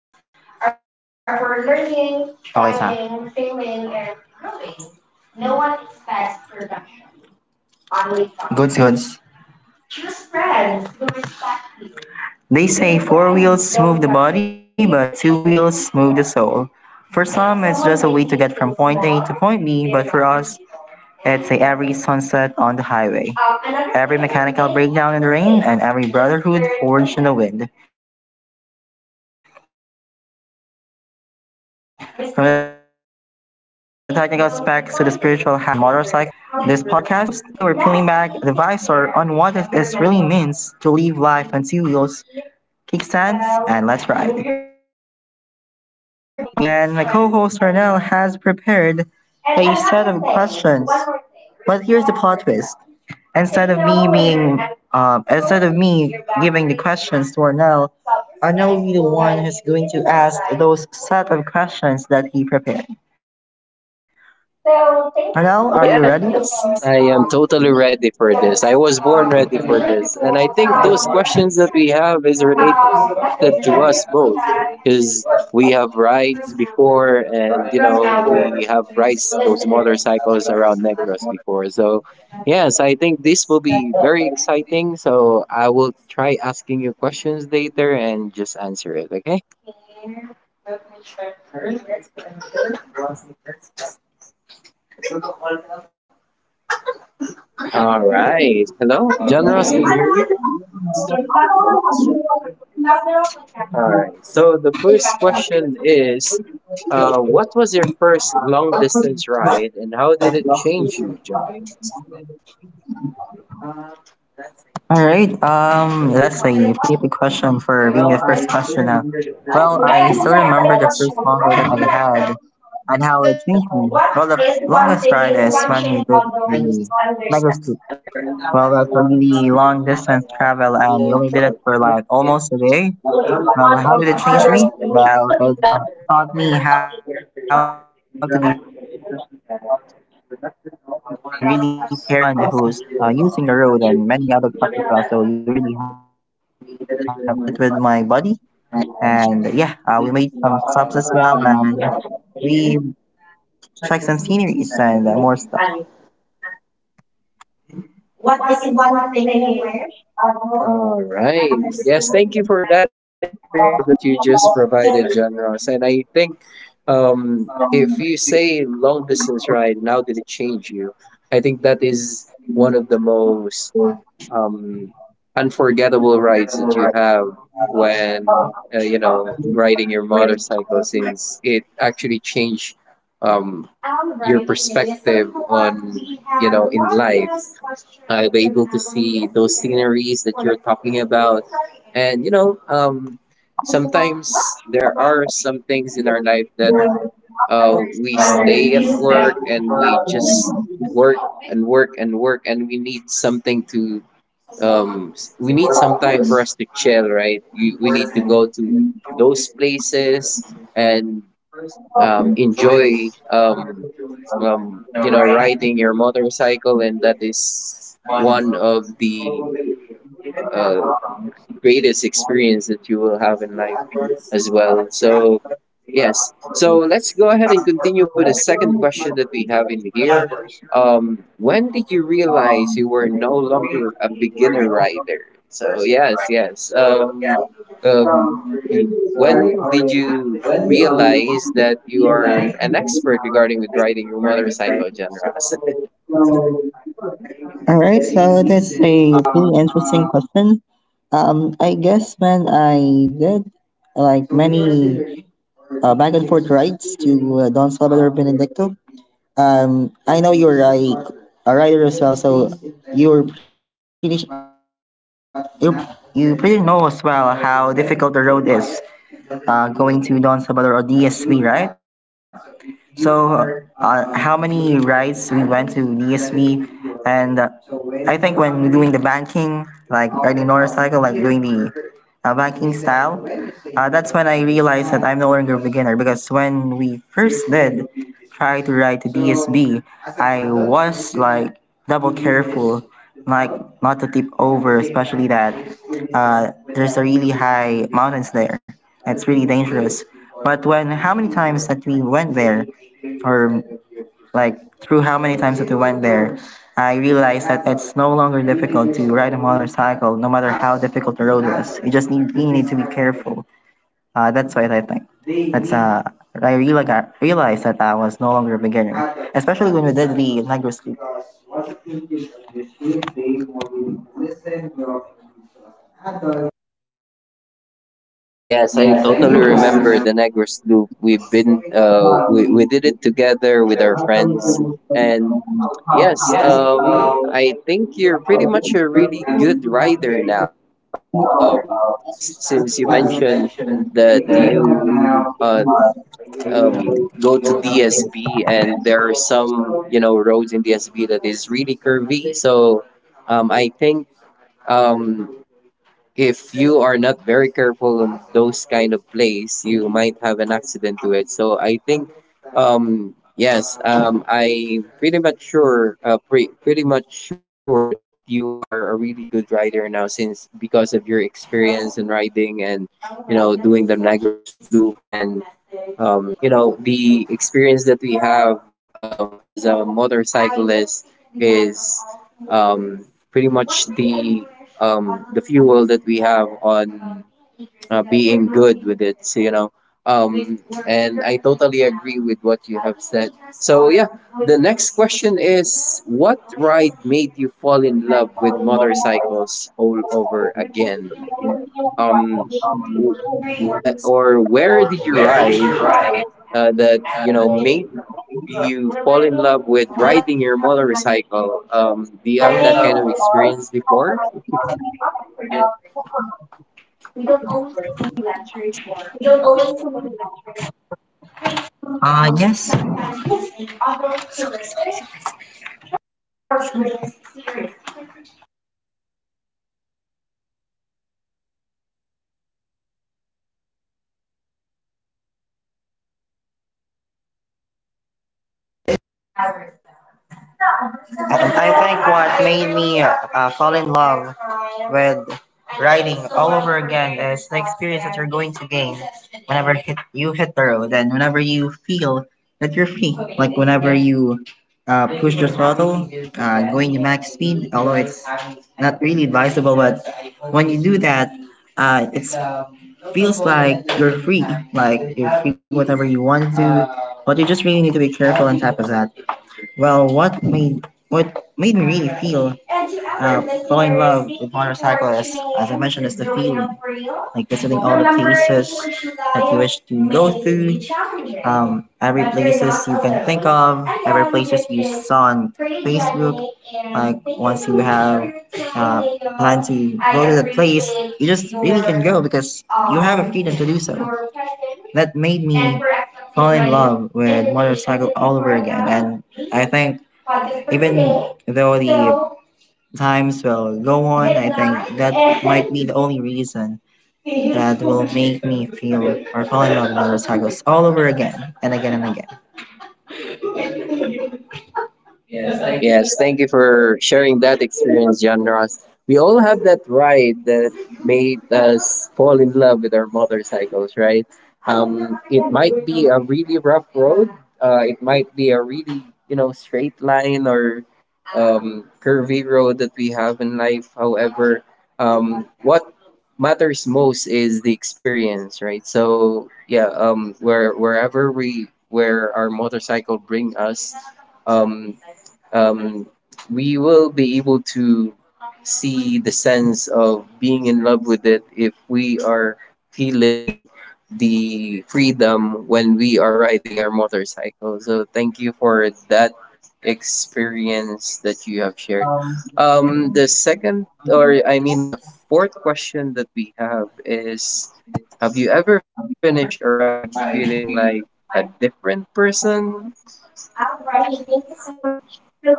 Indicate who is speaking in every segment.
Speaker 1: Your Hello, team's Okay sa, trying, failing, and growing on leap frog. Goods. They say four wheels move the body, but two wheels move the soul. For some, it's just a way to get from point A to point B, but for us, it's a every sunset on the highway. Another every thing mechanical is breakdown in the rain, and every brotherhood forged in the wind. From the technical specs to the spiritual high of the open road, this is the motorcycle experience. This podcast, I'm your host, and today we're peeling back the visor on what this really means to live life on two wheels, kickstands, and let's ride. Today's podcast, we have our co-host Arnell, and my co-host Arnell has prepared a set of questions. But here's the plot twist, instead of me being instead of me giving the questions to Arnell, Arnell will be the one who's going to ask those set of questions that he prepared. Arnell, are you ready?
Speaker 2: Yes, I am totally ready for this. I was born ready for this. And I think those questions that we have is related to us both because we have rides before and, we have rides those motorcycles around Negros before. So, yes, I think this will be very exciting. So, I will try asking you questions later and just answer it, okay?
Speaker 1: All right, let's go ahead and hit it. What's the first question?
Speaker 2: All right. Hello, John Ross, can you hear me? All right. So the first question is, what was your first long distance ride, and how did it change you, John?
Speaker 1: All right, that's a pretty big question for being the first question now. Well, I still remember the first long ride that I had and how it changed me. Well, the longest ride is when we did the mega. Well, that's a really long distance travel, and you only did it for like almost a day. Well, how did it change me? Well, it taught me how to be really careful when driving on the road, especially that you're not just the only one who's using the road, and many other trucks as well. So you really have to be careful. We did it with my buddy, and yeah, we made some stops as well, and we checked some sceneries and more stuff.
Speaker 2: All right. Yes, thank you for that experience that you just provided, John Ross. And I think, if you say long distance ride, and how did it change you? I think that is one of the most um, unforgettable rides that you have when riding your motorcycle, since it actually changed um, your perspective on in life. I'll be able to see those sceneries that you're talking about, and sometimes there are some things in our life that uh, we stay at work, and we just work and work and work, and we need something to— we need some time for us to chill, right? We need to go to those places and enjoy riding your motorcycle. And that is one of the uh, greatest experience that you will have in life as well. So yes, so let's go ahead and continue with the second question that we have in here. When did you realize you were no longer a beginner rider? So yes, yes, um, y- when did you realize that you are an expert regarding with riding your motorcycle, John Ross?
Speaker 1: All right, so that's a pretty interesting question. I guess when I did like many back and forth rides to Don Salvador Benedicto. I know you're like a rider as well, so you're pretty you you pretty know as well how difficult the road is going to Don Salvador or DSV, right? So, how many rides we went to DSV, and I think when doing the banking, like riding motorcycle, like doing the banking style, that's when I realized that I'm no longer a beginner because when we first did try to ride to DSB, I was like double careful, like not to tip over, especially that there's a really high mountains there. It's really dangerous. But when how many times that we went there, or like through how many times that we went there, I realized that it's no longer difficult to ride a motorcycle, no matter how difficult the road was. You need to be careful. That's what I think. That's I reali- realized that I was no longer a beginner especially when we did the night rescue.
Speaker 2: Yes, I totally remember the Negros Loop. We did it together with our friends, and yes, I think you're pretty much a really good rider now. Since you mentioned that you uh, go to DSB, and there are some roads in DSB that is really curvy. So I think, um, if you are not very careful on those kind of place, you might have an accident to it. So I think, yes, I pretty much sure, pretty much sure that you are a really good rider now since, because of your experience in riding and doing the Niagara Loop, and the experience that we have as a motorcyclist is um, pretty much the, the fuel that we have on being good with it. So, and I totally agree with what you have said. So yeah, the next question is, what ride made you fall in love with motorcycles all over again? Um w- what or where did you ride, that made you fall in love with riding your motorcycle? Do you have that kind of experience before?
Speaker 1: Yes, I think what made me fall in love with riding all over again is the experience that you're going to gain whenever you hit the road and whenever you feel that you're free, like whenever you push the throttle, going to max speed, although it's not really advisable, but when you do that, it feels like you're free whatever you want to, but you just really need to be careful on top of that. Well, what made me really feel fall in love with motorcycles, as I mentioned, is the feeling like visiting all the places that you wish to go through, every places you can think of, every places you saw on Facebook. Like once you have uh, planned to go to the place, you just really can go because you have a freedom to do so. That made me fall in love with motorcycle all over again, and I think even though the times will go on, I think that might be the only reason that will make me feel or fall in love with motorcycles all over again and again and again.
Speaker 2: Yes, thank you for sharing that experience, John Ross. We all have that ride that made us fall in love with our motorcycles, right? It might be a really rough road. It might be a really straight line, or curvy road that we have in life. However, what matters most is the experience, right? So yeah, where wherever we where our motorcycle bring us, um, um, we will be able to see the sense of being in love with it if we are feeling the freedom when we are riding our motorcycle. So thank you for that experience that you have shared. The second, or I mean, the fourth question that we have is: have you ever finished a ride feeling like a different person?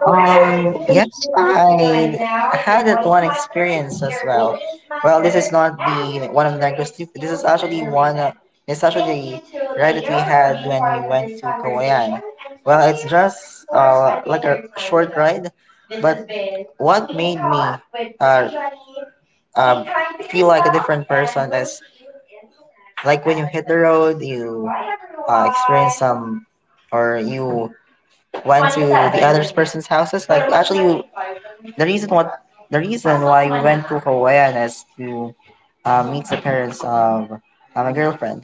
Speaker 1: Yes, I had that one experience as well. Well, this is not the one of the negatives. This is actually one. It's actually the ride that we had when we went to Kawayan. Well, it's just like a short ride, but what made me um, feel like a different person is like when you hit the road, you experience some or you went to the other person's houses. Like actually, the reason what the reason why we went to Hawaiian is to meet the parents of my girlfriend.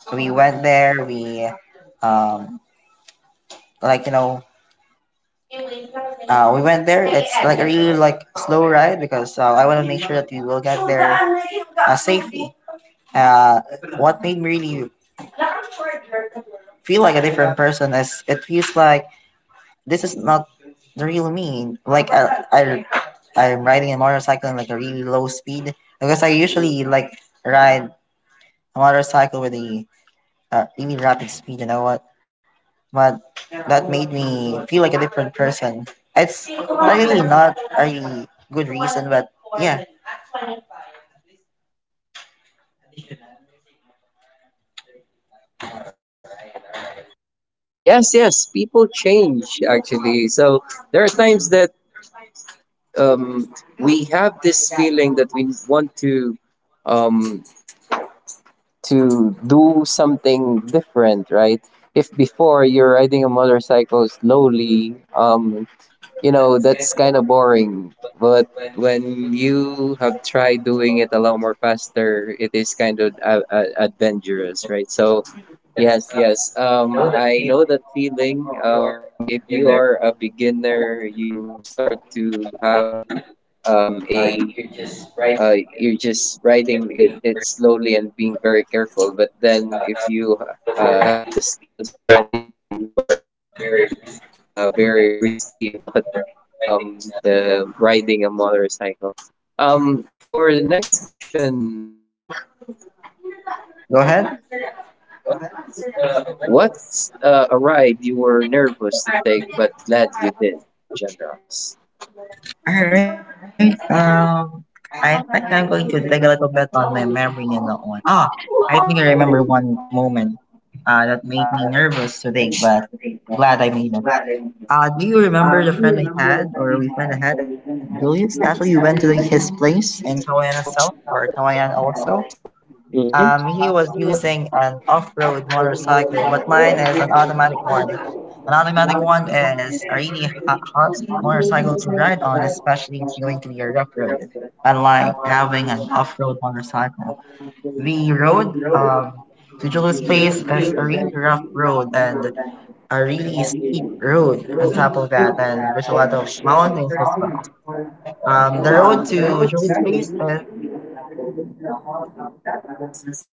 Speaker 1: So, we went there. Um like you know we went there. It's like a really like slow ride because I want to make sure that we will get there safely. Uh, what made me really feel like a different person is it feels like this is not the real me. Like I'm riding a motorcycle in like a really low speed because I usually like ride a motorcycle with a really rapid speed. You know what? But that made me feel like a different person. It's really not a really good reason, but yeah.
Speaker 2: All right, all right. Yes, yes, people change actually. So there are times that, um, we have this feeling that we want um, to do something different, right? If before you're riding a motorcycle slowly, that's kind of boring. But when you have tried doing it a lot more faster, it is kind of adventurous, right? So yes, yes, I know that feeling. If you are a beginner, you start to have, a you're just riding it slowly and being very careful. But then, if you have the skills already, you are being very risky about the riding a motorcycle. For the next question,
Speaker 1: Go ahead.
Speaker 2: what's a ride you were nervous to take but glad you did, Generals?
Speaker 1: All right. I think I'm going to dig a little bit on my memory on that one. Ah, I think I remember one moment that made me nervous today, but glad I made it. Do you remember the friend I had, or we friend I had at Julius? Actually, we went to the, his place in Kawayan South, or Kawayan also. He was using an off-road motorcycle, but mine is an automatic one. An automatic one is a really hard motorcycle to ride on, especially if it's going to be a rough road, unlike having an off-road motorcycle. The road to Julo's place is a really rough road and a really steep road on top of that, and there's a lot of mountains as well. The road to Julo's place is a really dangerous one on top of that because there's a lot of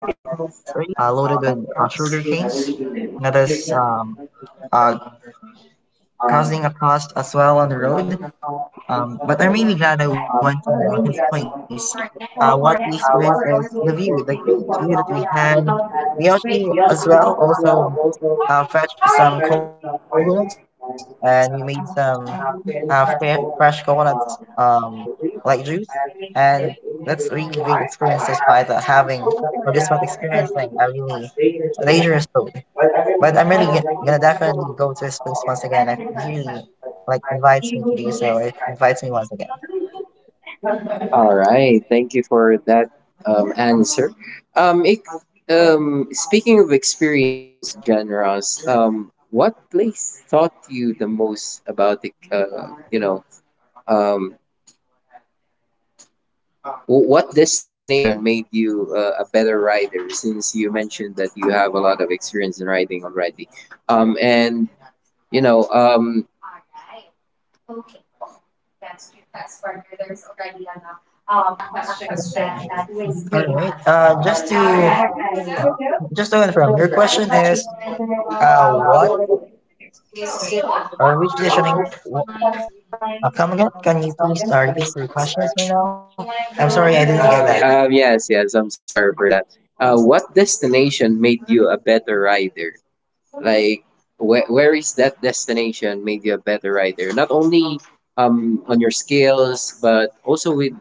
Speaker 1: trucks loaded with sugar canes that is uh, causing a cost as well on the road. But I'm really glad I went to his place. What we experienced is the view, the great view that we had. We actually, as well, also fetched some coconuts and we made some fresh coconuts, like juice. And that's really great experience despite having or despite experiencing a really dangerous road. But I'm really gonna definitely go to his place once again if he like invites me to do so, or if invites me once again.
Speaker 2: All right. Thank you for that answer. Um, it, speaking of experience, genres, what place taught you the most about the, you know, um, w- what destination made you a better rider, since you mentioned that you have a lot of experience in riding already? And, you know, um,
Speaker 1: All right. Just to confirm, your question is, what or which decisioning? wh- Come again? Can you please repeat your questions right now? I'm sorry, I didn't get that.
Speaker 2: yes, yes, I'm so sorry for that. What destination made you a better rider? Like, where is that destination made you a better rider? Not only on your skills, but also with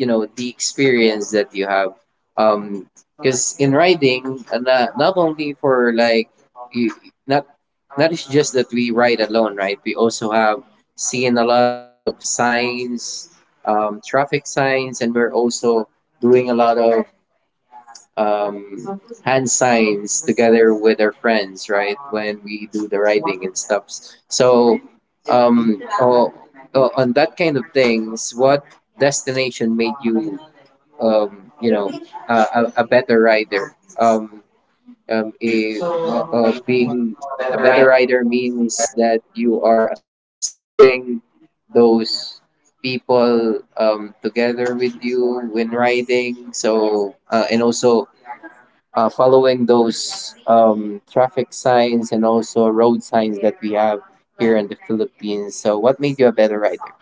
Speaker 2: the experience that you have. Um, because in riding, not, not only for like, you, not not it's just that we ride alone, right? We also have seen a lot of signs, traffic signs, and we're also doing a lot of hand signs together with our friends, right? When we do the riding and stuff. So, um, oh, oh, on that kind of things, what destination made you, um, you know, a better rider? Um, um, a, being a better rider means that you are assisting those people, together with you when riding. So, and also following those traffic signs and also road signs that we have here in the Philippines. So, what made you a better rider?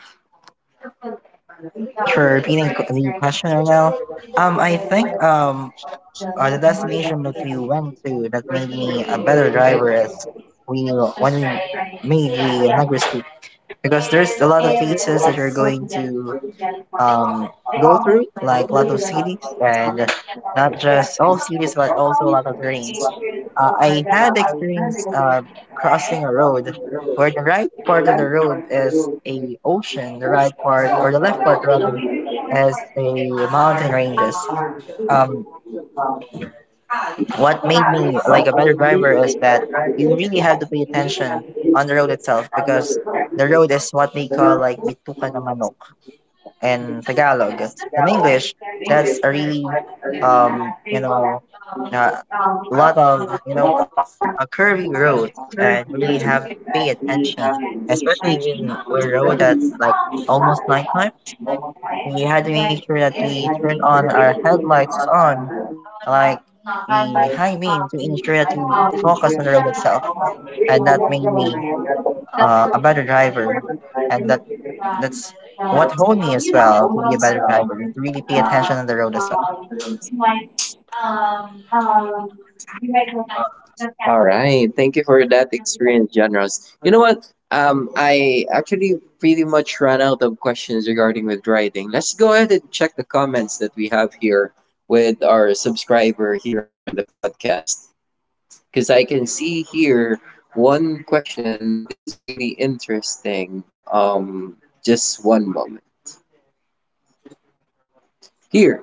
Speaker 1: All right. Thank you very much for repeating the question right now. I think The destination that we went to that made me a better driver is we when we made the Negros Loop because there's a lot of places that you're going to um go through like a lot of cities and not just all cities, but also a lot of terrains. I had experience crossing a road where the right part of the road is a ocean, the right part or the left part rather is a mountain ranges. Um, what made me like a better driver is that you really have to pay attention on the road itself because the road is what we call like bituka na manok in Tagalog. In English, that's a really um you know uh, a lot of a curvy road and really have to pay attention, especially when we're road that's like almost nighttime. We had to make sure that we turn on our headlights on, like the high beam, to ensure that we focus on the road itself, and that made me a better driver, and that's what honed me as well to be a better driver, to really pay attention on the road as well.
Speaker 2: All right. Thank you for that experience, John Ross. You know what? I actually pretty much ran out of questions regarding with riding. Let's go ahead and check the comments that we have here with our subscriber here on the podcast. Because I can see here one question that is really interesting. Um, just one moment. Here,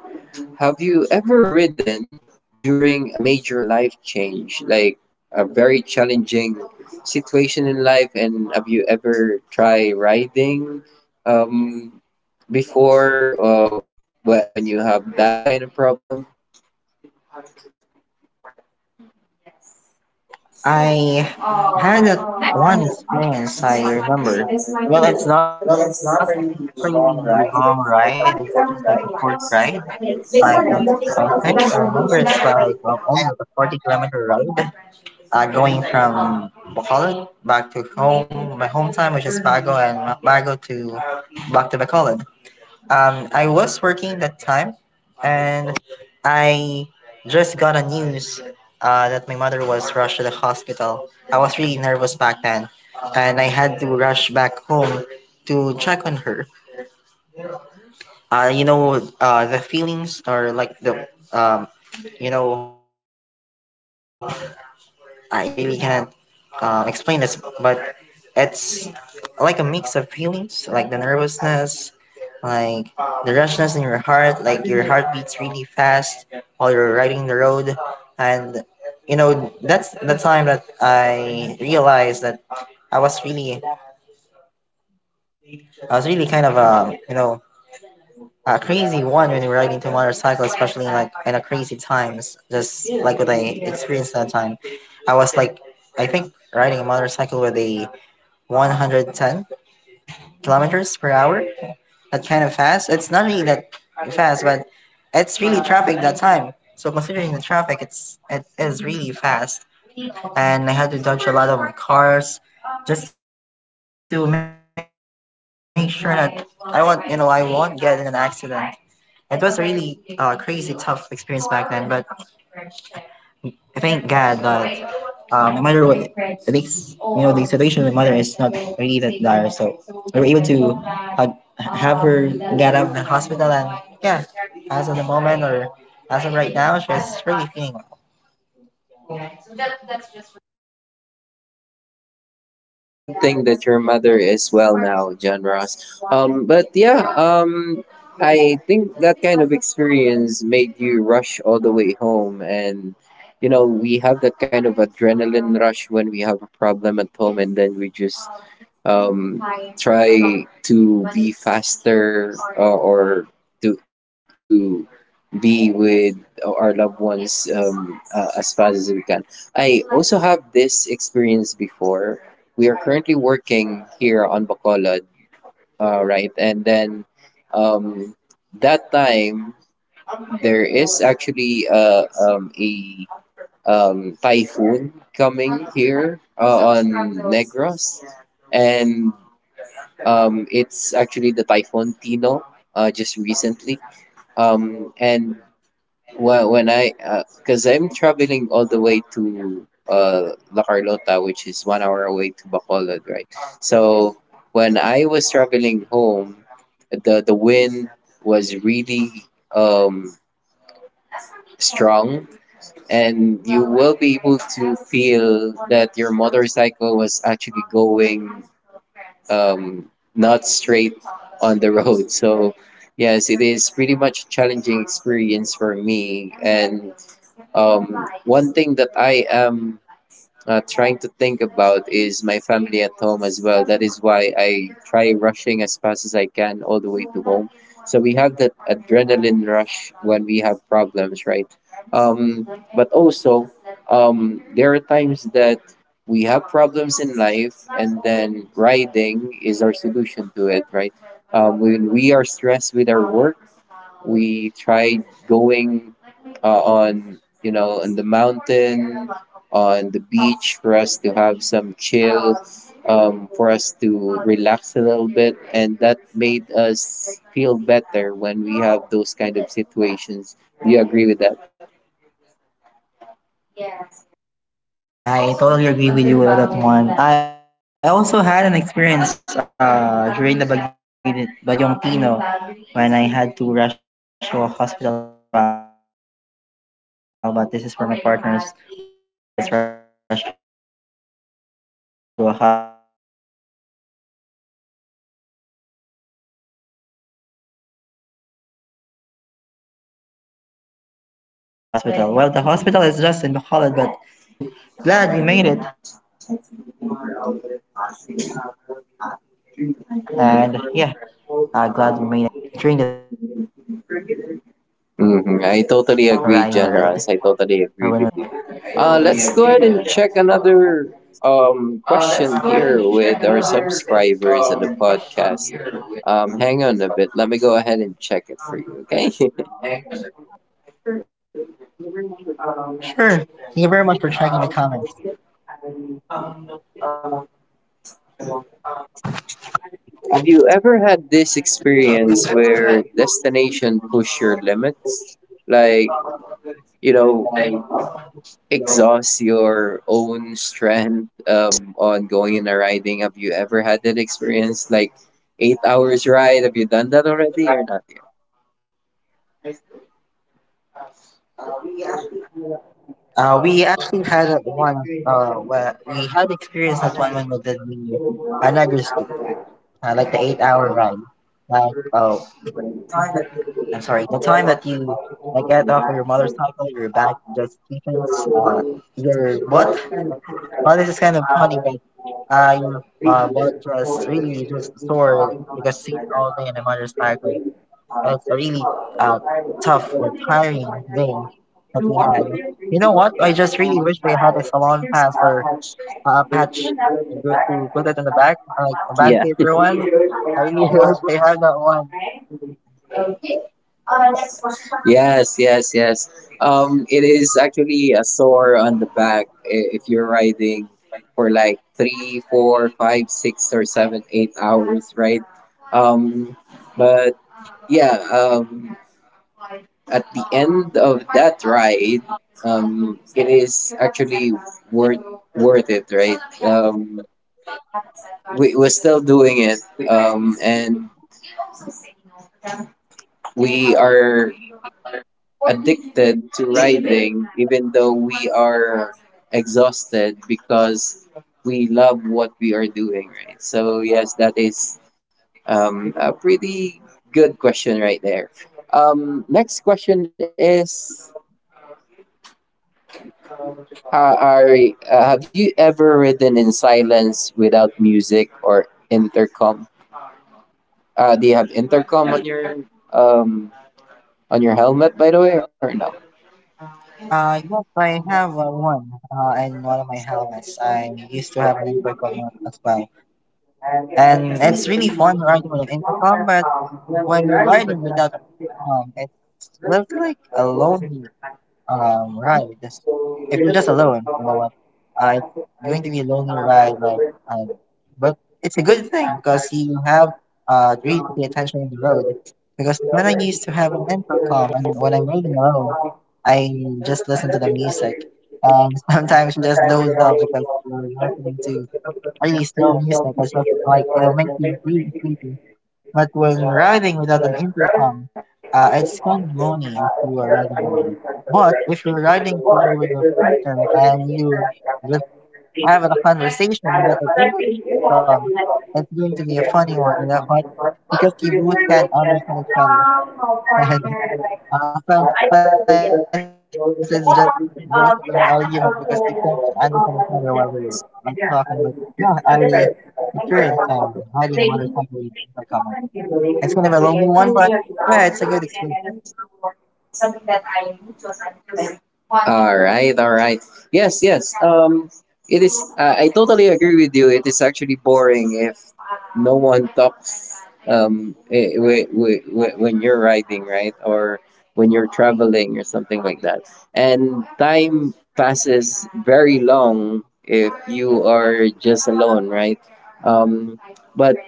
Speaker 2: have you ever ridden during a major life change, like a very challenging situation in life? And have you ever tried riding um, before uh, when you have that kind of problem?
Speaker 1: I had one experience I remember. Well, it's not really a long ride. It's just like a short ride. Like I think I remember it's like well, only like a 40-kilometer ride. Going from Bacolod back to home, my hometown, which is Bago, and Bago to back to Bacolod. I was working that time, and I just got a news that my mother was rushed to the hospital. I was really nervous back then, and I had to rush back home to check on her. The feelings are like you know, I really can't explain this, but it's like a mix of feelings, like the nervousness, like the rushness in your heart, like your heart beats really fast while you're riding the road, and you know that's the time that I realized that I was really, I was really kind of a a crazy one when we were riding to motorcycle, especially like in a crazy times, just like what I experienced that time. I was like, I think riding a motorcycle with a 110 kilometers per hour. That kind of fast. It's not really that fast, but it's really traffic that time. So considering the traffic, it is really fast, and I had to dodge a lot of cars just to make sure that I won't get in an accident. It was a really crazy tough experience back then, but I thank God that no matter what this the situation with my mother is not really that dire. So we were able to uh, have her get out of the hospital, and yeah, as of the moment or as of right now, she's really feeling
Speaker 2: Oh, that's good thing that your mother is well now, John Ross. But yeah, I think that kind of experience made you rush all the way home, and we have that kind of adrenaline rush when we have a problem at home, and then we just um try to be faster, or to be with our loved ones, as fast as we can. I also have this experience before. We are currently working here on Bacolod, right? And then, um, that time there is actually a typhoon coming here, on Negros, and, it's actually the Typhoon Tino just recently. And, well, because I'm traveling all the way to La Carlota, which is 1 hour away to Bacolod, right? So when I was traveling home, the wind was really um strong, and you will be able to feel that your motorcycle was actually going um, not straight on the road. So, yes, it is pretty much a challenging experience for me. And one thing that I am trying to think about is my family at home as well. That is why I try rushing as fast as I can all the way to home. So we have that adrenaline rush when we have problems, right? Um, but also, there are times that we have problems in life, and then riding is our solution to it, right? When we are stressed with our work, we try going on on the mountain, on the beach for us to have some chill, for us to relax a little bit. And that made us feel better when we have those kind of situations. Do you agree with that?
Speaker 1: I totally agree with you on that one. I also had an experience during the Baguio, Bagyong Tino when I had to rush to a hospital as well, but this is for my partner's when she was rushed to a hospital. Well, the hospital is just in Bacolod, but the experience of riding during a typhoon is really tough. Like the wind, when it rushed to you, really had to be careful like crossing the road as well during those times. But glad we made it, and yeah, glad we made it. It's a good thing that we're all safe uh, during the typhoon when we were riding the road or when we were
Speaker 2: I
Speaker 1: hitting the
Speaker 2: totally
Speaker 1: road.
Speaker 2: agree, Generous. I totally agree with you. Let's go ahead and check another question here with our subscribers and the podcast. Hang on a bit. Let me go ahead and check it for you, okay?
Speaker 1: Sure. Thank you very much for checking the comments.
Speaker 2: Have you ever had this experience where destination push your limits? Like, you know, exhaust your own strength on going and a riding. Have you ever had that experience? Like 8 hours ride? Have you done that already or not yet?
Speaker 1: We actually had that once. Where we had experienced that one when we did the another sleep, like the eight-hour ride. Like, oh, I'm sorry. The time that you like get off of your motorcycle, your back just stiffens. Uh, your what? Well, this is kind of funny, but your butt just really just sore because sitting all day on a motorcycle. And it's a really uh, tough or tiring day that we had. You know what? I just really wish I had a salon pass or a patch. I'm going to put it on the back, like a band
Speaker 2: Yeah.
Speaker 1: paper one. I really wish I had that one.
Speaker 2: Yes, yes, yes. It is actually a sore on the back, if you're riding for like three, four, five, six, or seven, 8 hours, right? Um, but yeah, um, at the end of that ride, it is actually worth worth it, right? We're still doing it, and we are addicted to riding, even though we are exhausted because we love what we are doing, right? So, yes, that is a pretty good question right there. Next question is uh, are, have you ever ridden in silence without music or intercom? Do you have intercom um, on your helmet, by the way, or no?
Speaker 1: Yes, I have one in one of my helmets. I used to have an Intricom as well. And it's really fun riding with an intercom, but when you're riding without an intercom, it's just like a lonely ride. If you're just alone, you know what? It's going to be a lonely ride, like um, but it's a good thing because you have really to pay attention on the road. Because when I used to have an intercom and when I'm riding alone, I just listen to the music. And sometimes you just doze off because you're listening to really slow music or something like it'll make you really sleepy. But when riding without an intercom, it's kind of lonely if you are riding alone. But if you're riding together with a partner and you just have a conversation without an intercom, it's going to be a funny one, you know what? Because you both can understand each other. And sometimes it's just goes into an argument because you can't understand each other while we're like talking. Like, yeah, I experienced riding a motorcycle in Intercom. It's kind of a lonely one, but yeah, it's a good experience.
Speaker 2: All right, all right. Yes, yes. It is. I totally agree with you. It is actually boring if no one talks. When you're riding, right, or when you're traveling or something like that, and time passes very long if you are just alone, right? Um, but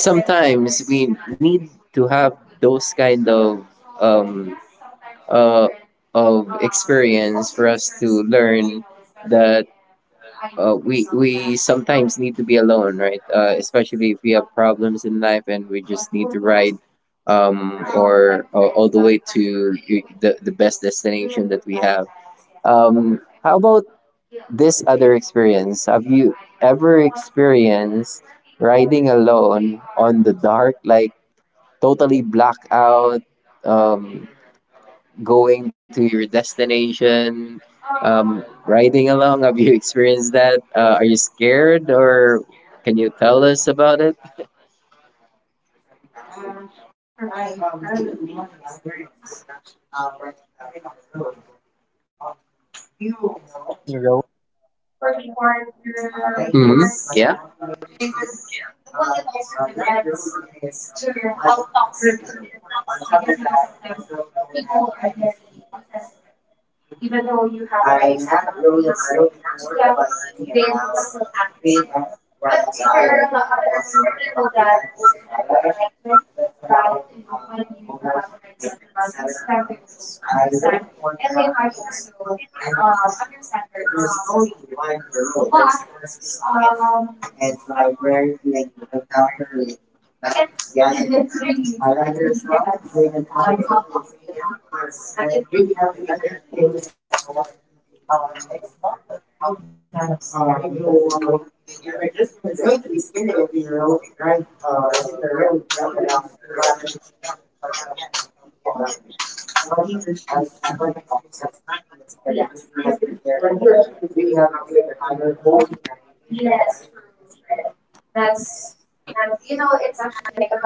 Speaker 2: sometimes we need to have those kind um, uh, of experience for us to learn that we sometimes need to be alone, right? Especially if we have problems in life and we just need to ride, or all the way to the best destination that we have. How about this other experience? Have you ever experienced riding alone on the dark, like totally black out? Um, going to your destination, riding along? Have you experienced that? Are you scared or can you tell us about it?
Speaker 1: Sure, I got one experience. When hitting the road. Um, do you know the road from Kawayan to Sipalang?
Speaker 2: Hmm.
Speaker 1: There's like
Speaker 2: Yeah.
Speaker 1: a mountain range there. Uh, that road is like a curvy road. On top of that, the trails don't have any street lights. I had rode it road before, like maybe around 3 a.m. when I was from Pakasalan to Sitare. That's around almost, I think, 70 kilometers. I rode it one around 3 a.m. And there's no really light on the road. There's no street lights. And it's like rare to encounter a, like other I do as well. I read the times of the opinion and really have to be careful. You know what? It's not that really kind of scary because it's only 3 a.m. It's going to be scary if they ride or hit the road maybe around 11 p.m. to 12 p.m. or 12 p.m. But uh, for my experience, it's not really that scary. You just really have to be careful and really have to keep your high on. Yourself. Make sure that you can see it.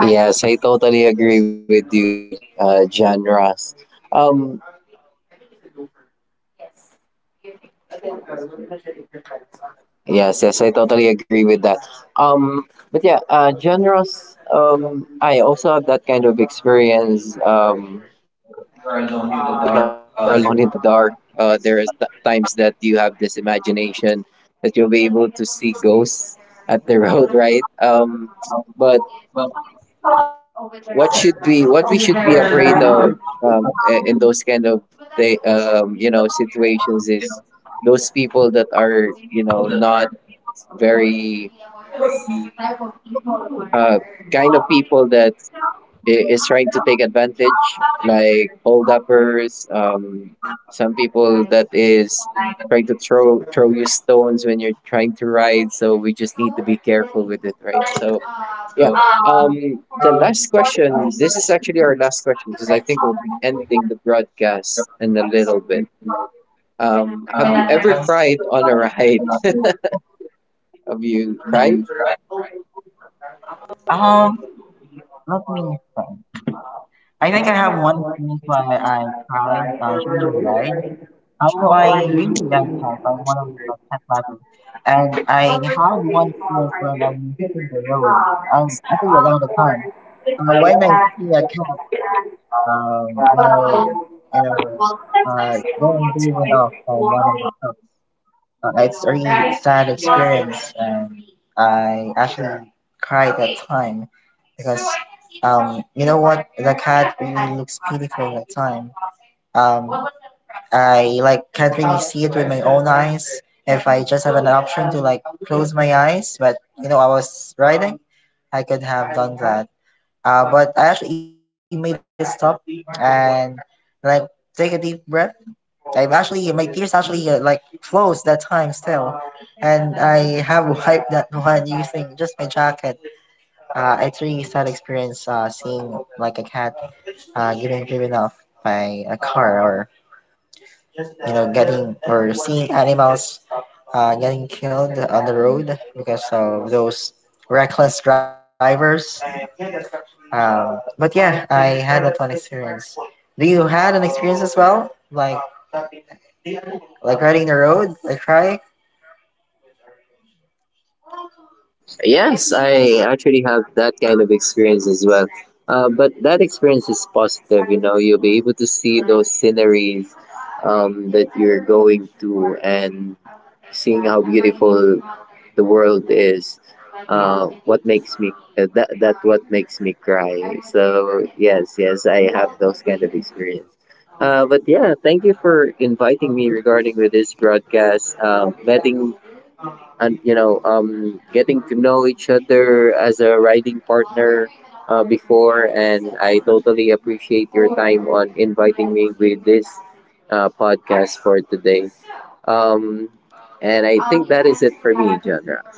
Speaker 2: Yes, I totally agree with you, John Ross. Um, yes, yes, I totally agree with that. Um, but yeah, John Ross, I also have that kind of experience. Because you know, if you are alone in the dark, there is times that you have this imagination that you'll be able to see ghosts at the road, right? But what should be, what we should be afraid of, in those kind of, you know, situations is those people that are, you know, not very uh, kind of people that is trying to take advantage, like hold uppers, some people that is trying to throw you stones when you're trying to ride. So we just need to be careful with it, right? So yeah. The last question. This is actually our last question because I think we'll be ending the broadcast in a little bit. Have you ever cried on a ride? Have you cried?
Speaker 1: Um, let me think. I think I have one place where I cried, I was really lied. I know I really like cats. I'm one of these like, cat lovers. And I had one place when I'm hitting the road. I'm actually alone the time. When I see a cat, well, you know, uh, getting driven off by one of the cats. It's a really sad experience, and I actually cried that time because, you know what? The cat really looks pitiful that time. Um, I like can't really see it with my own eyes. If I just have an option to like close my eyes, but you know, I was riding, I could have done that. But I actually made it stop and like take a deep breath. I actually my tears actually like flows that time still, and I have wiped that one using just my jacket. It's really sad experience seeing like a cat getting driven off by a car or you know getting or seeing animals getting killed on the road because of those reckless drivers, but yeah, I had that one experience. Do you had an experience as well, like riding the road like cry
Speaker 2: Yes, I actually have that kind of experience as well. But that experience is positive, you know, you'll be able to see those sceneries, that you're going to, and seeing how beautiful the world is. What makes me, that that what makes me cry. So yes, yes, I have those kind of experience. But yeah, thank you for inviting me regarding with this broadcast. Letting and, you know, getting to know each other as a riding partner before, and I totally appreciate your time on inviting me with this podcast for today, um, and I think that is it for me, genre.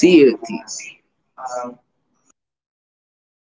Speaker 2: See you, team.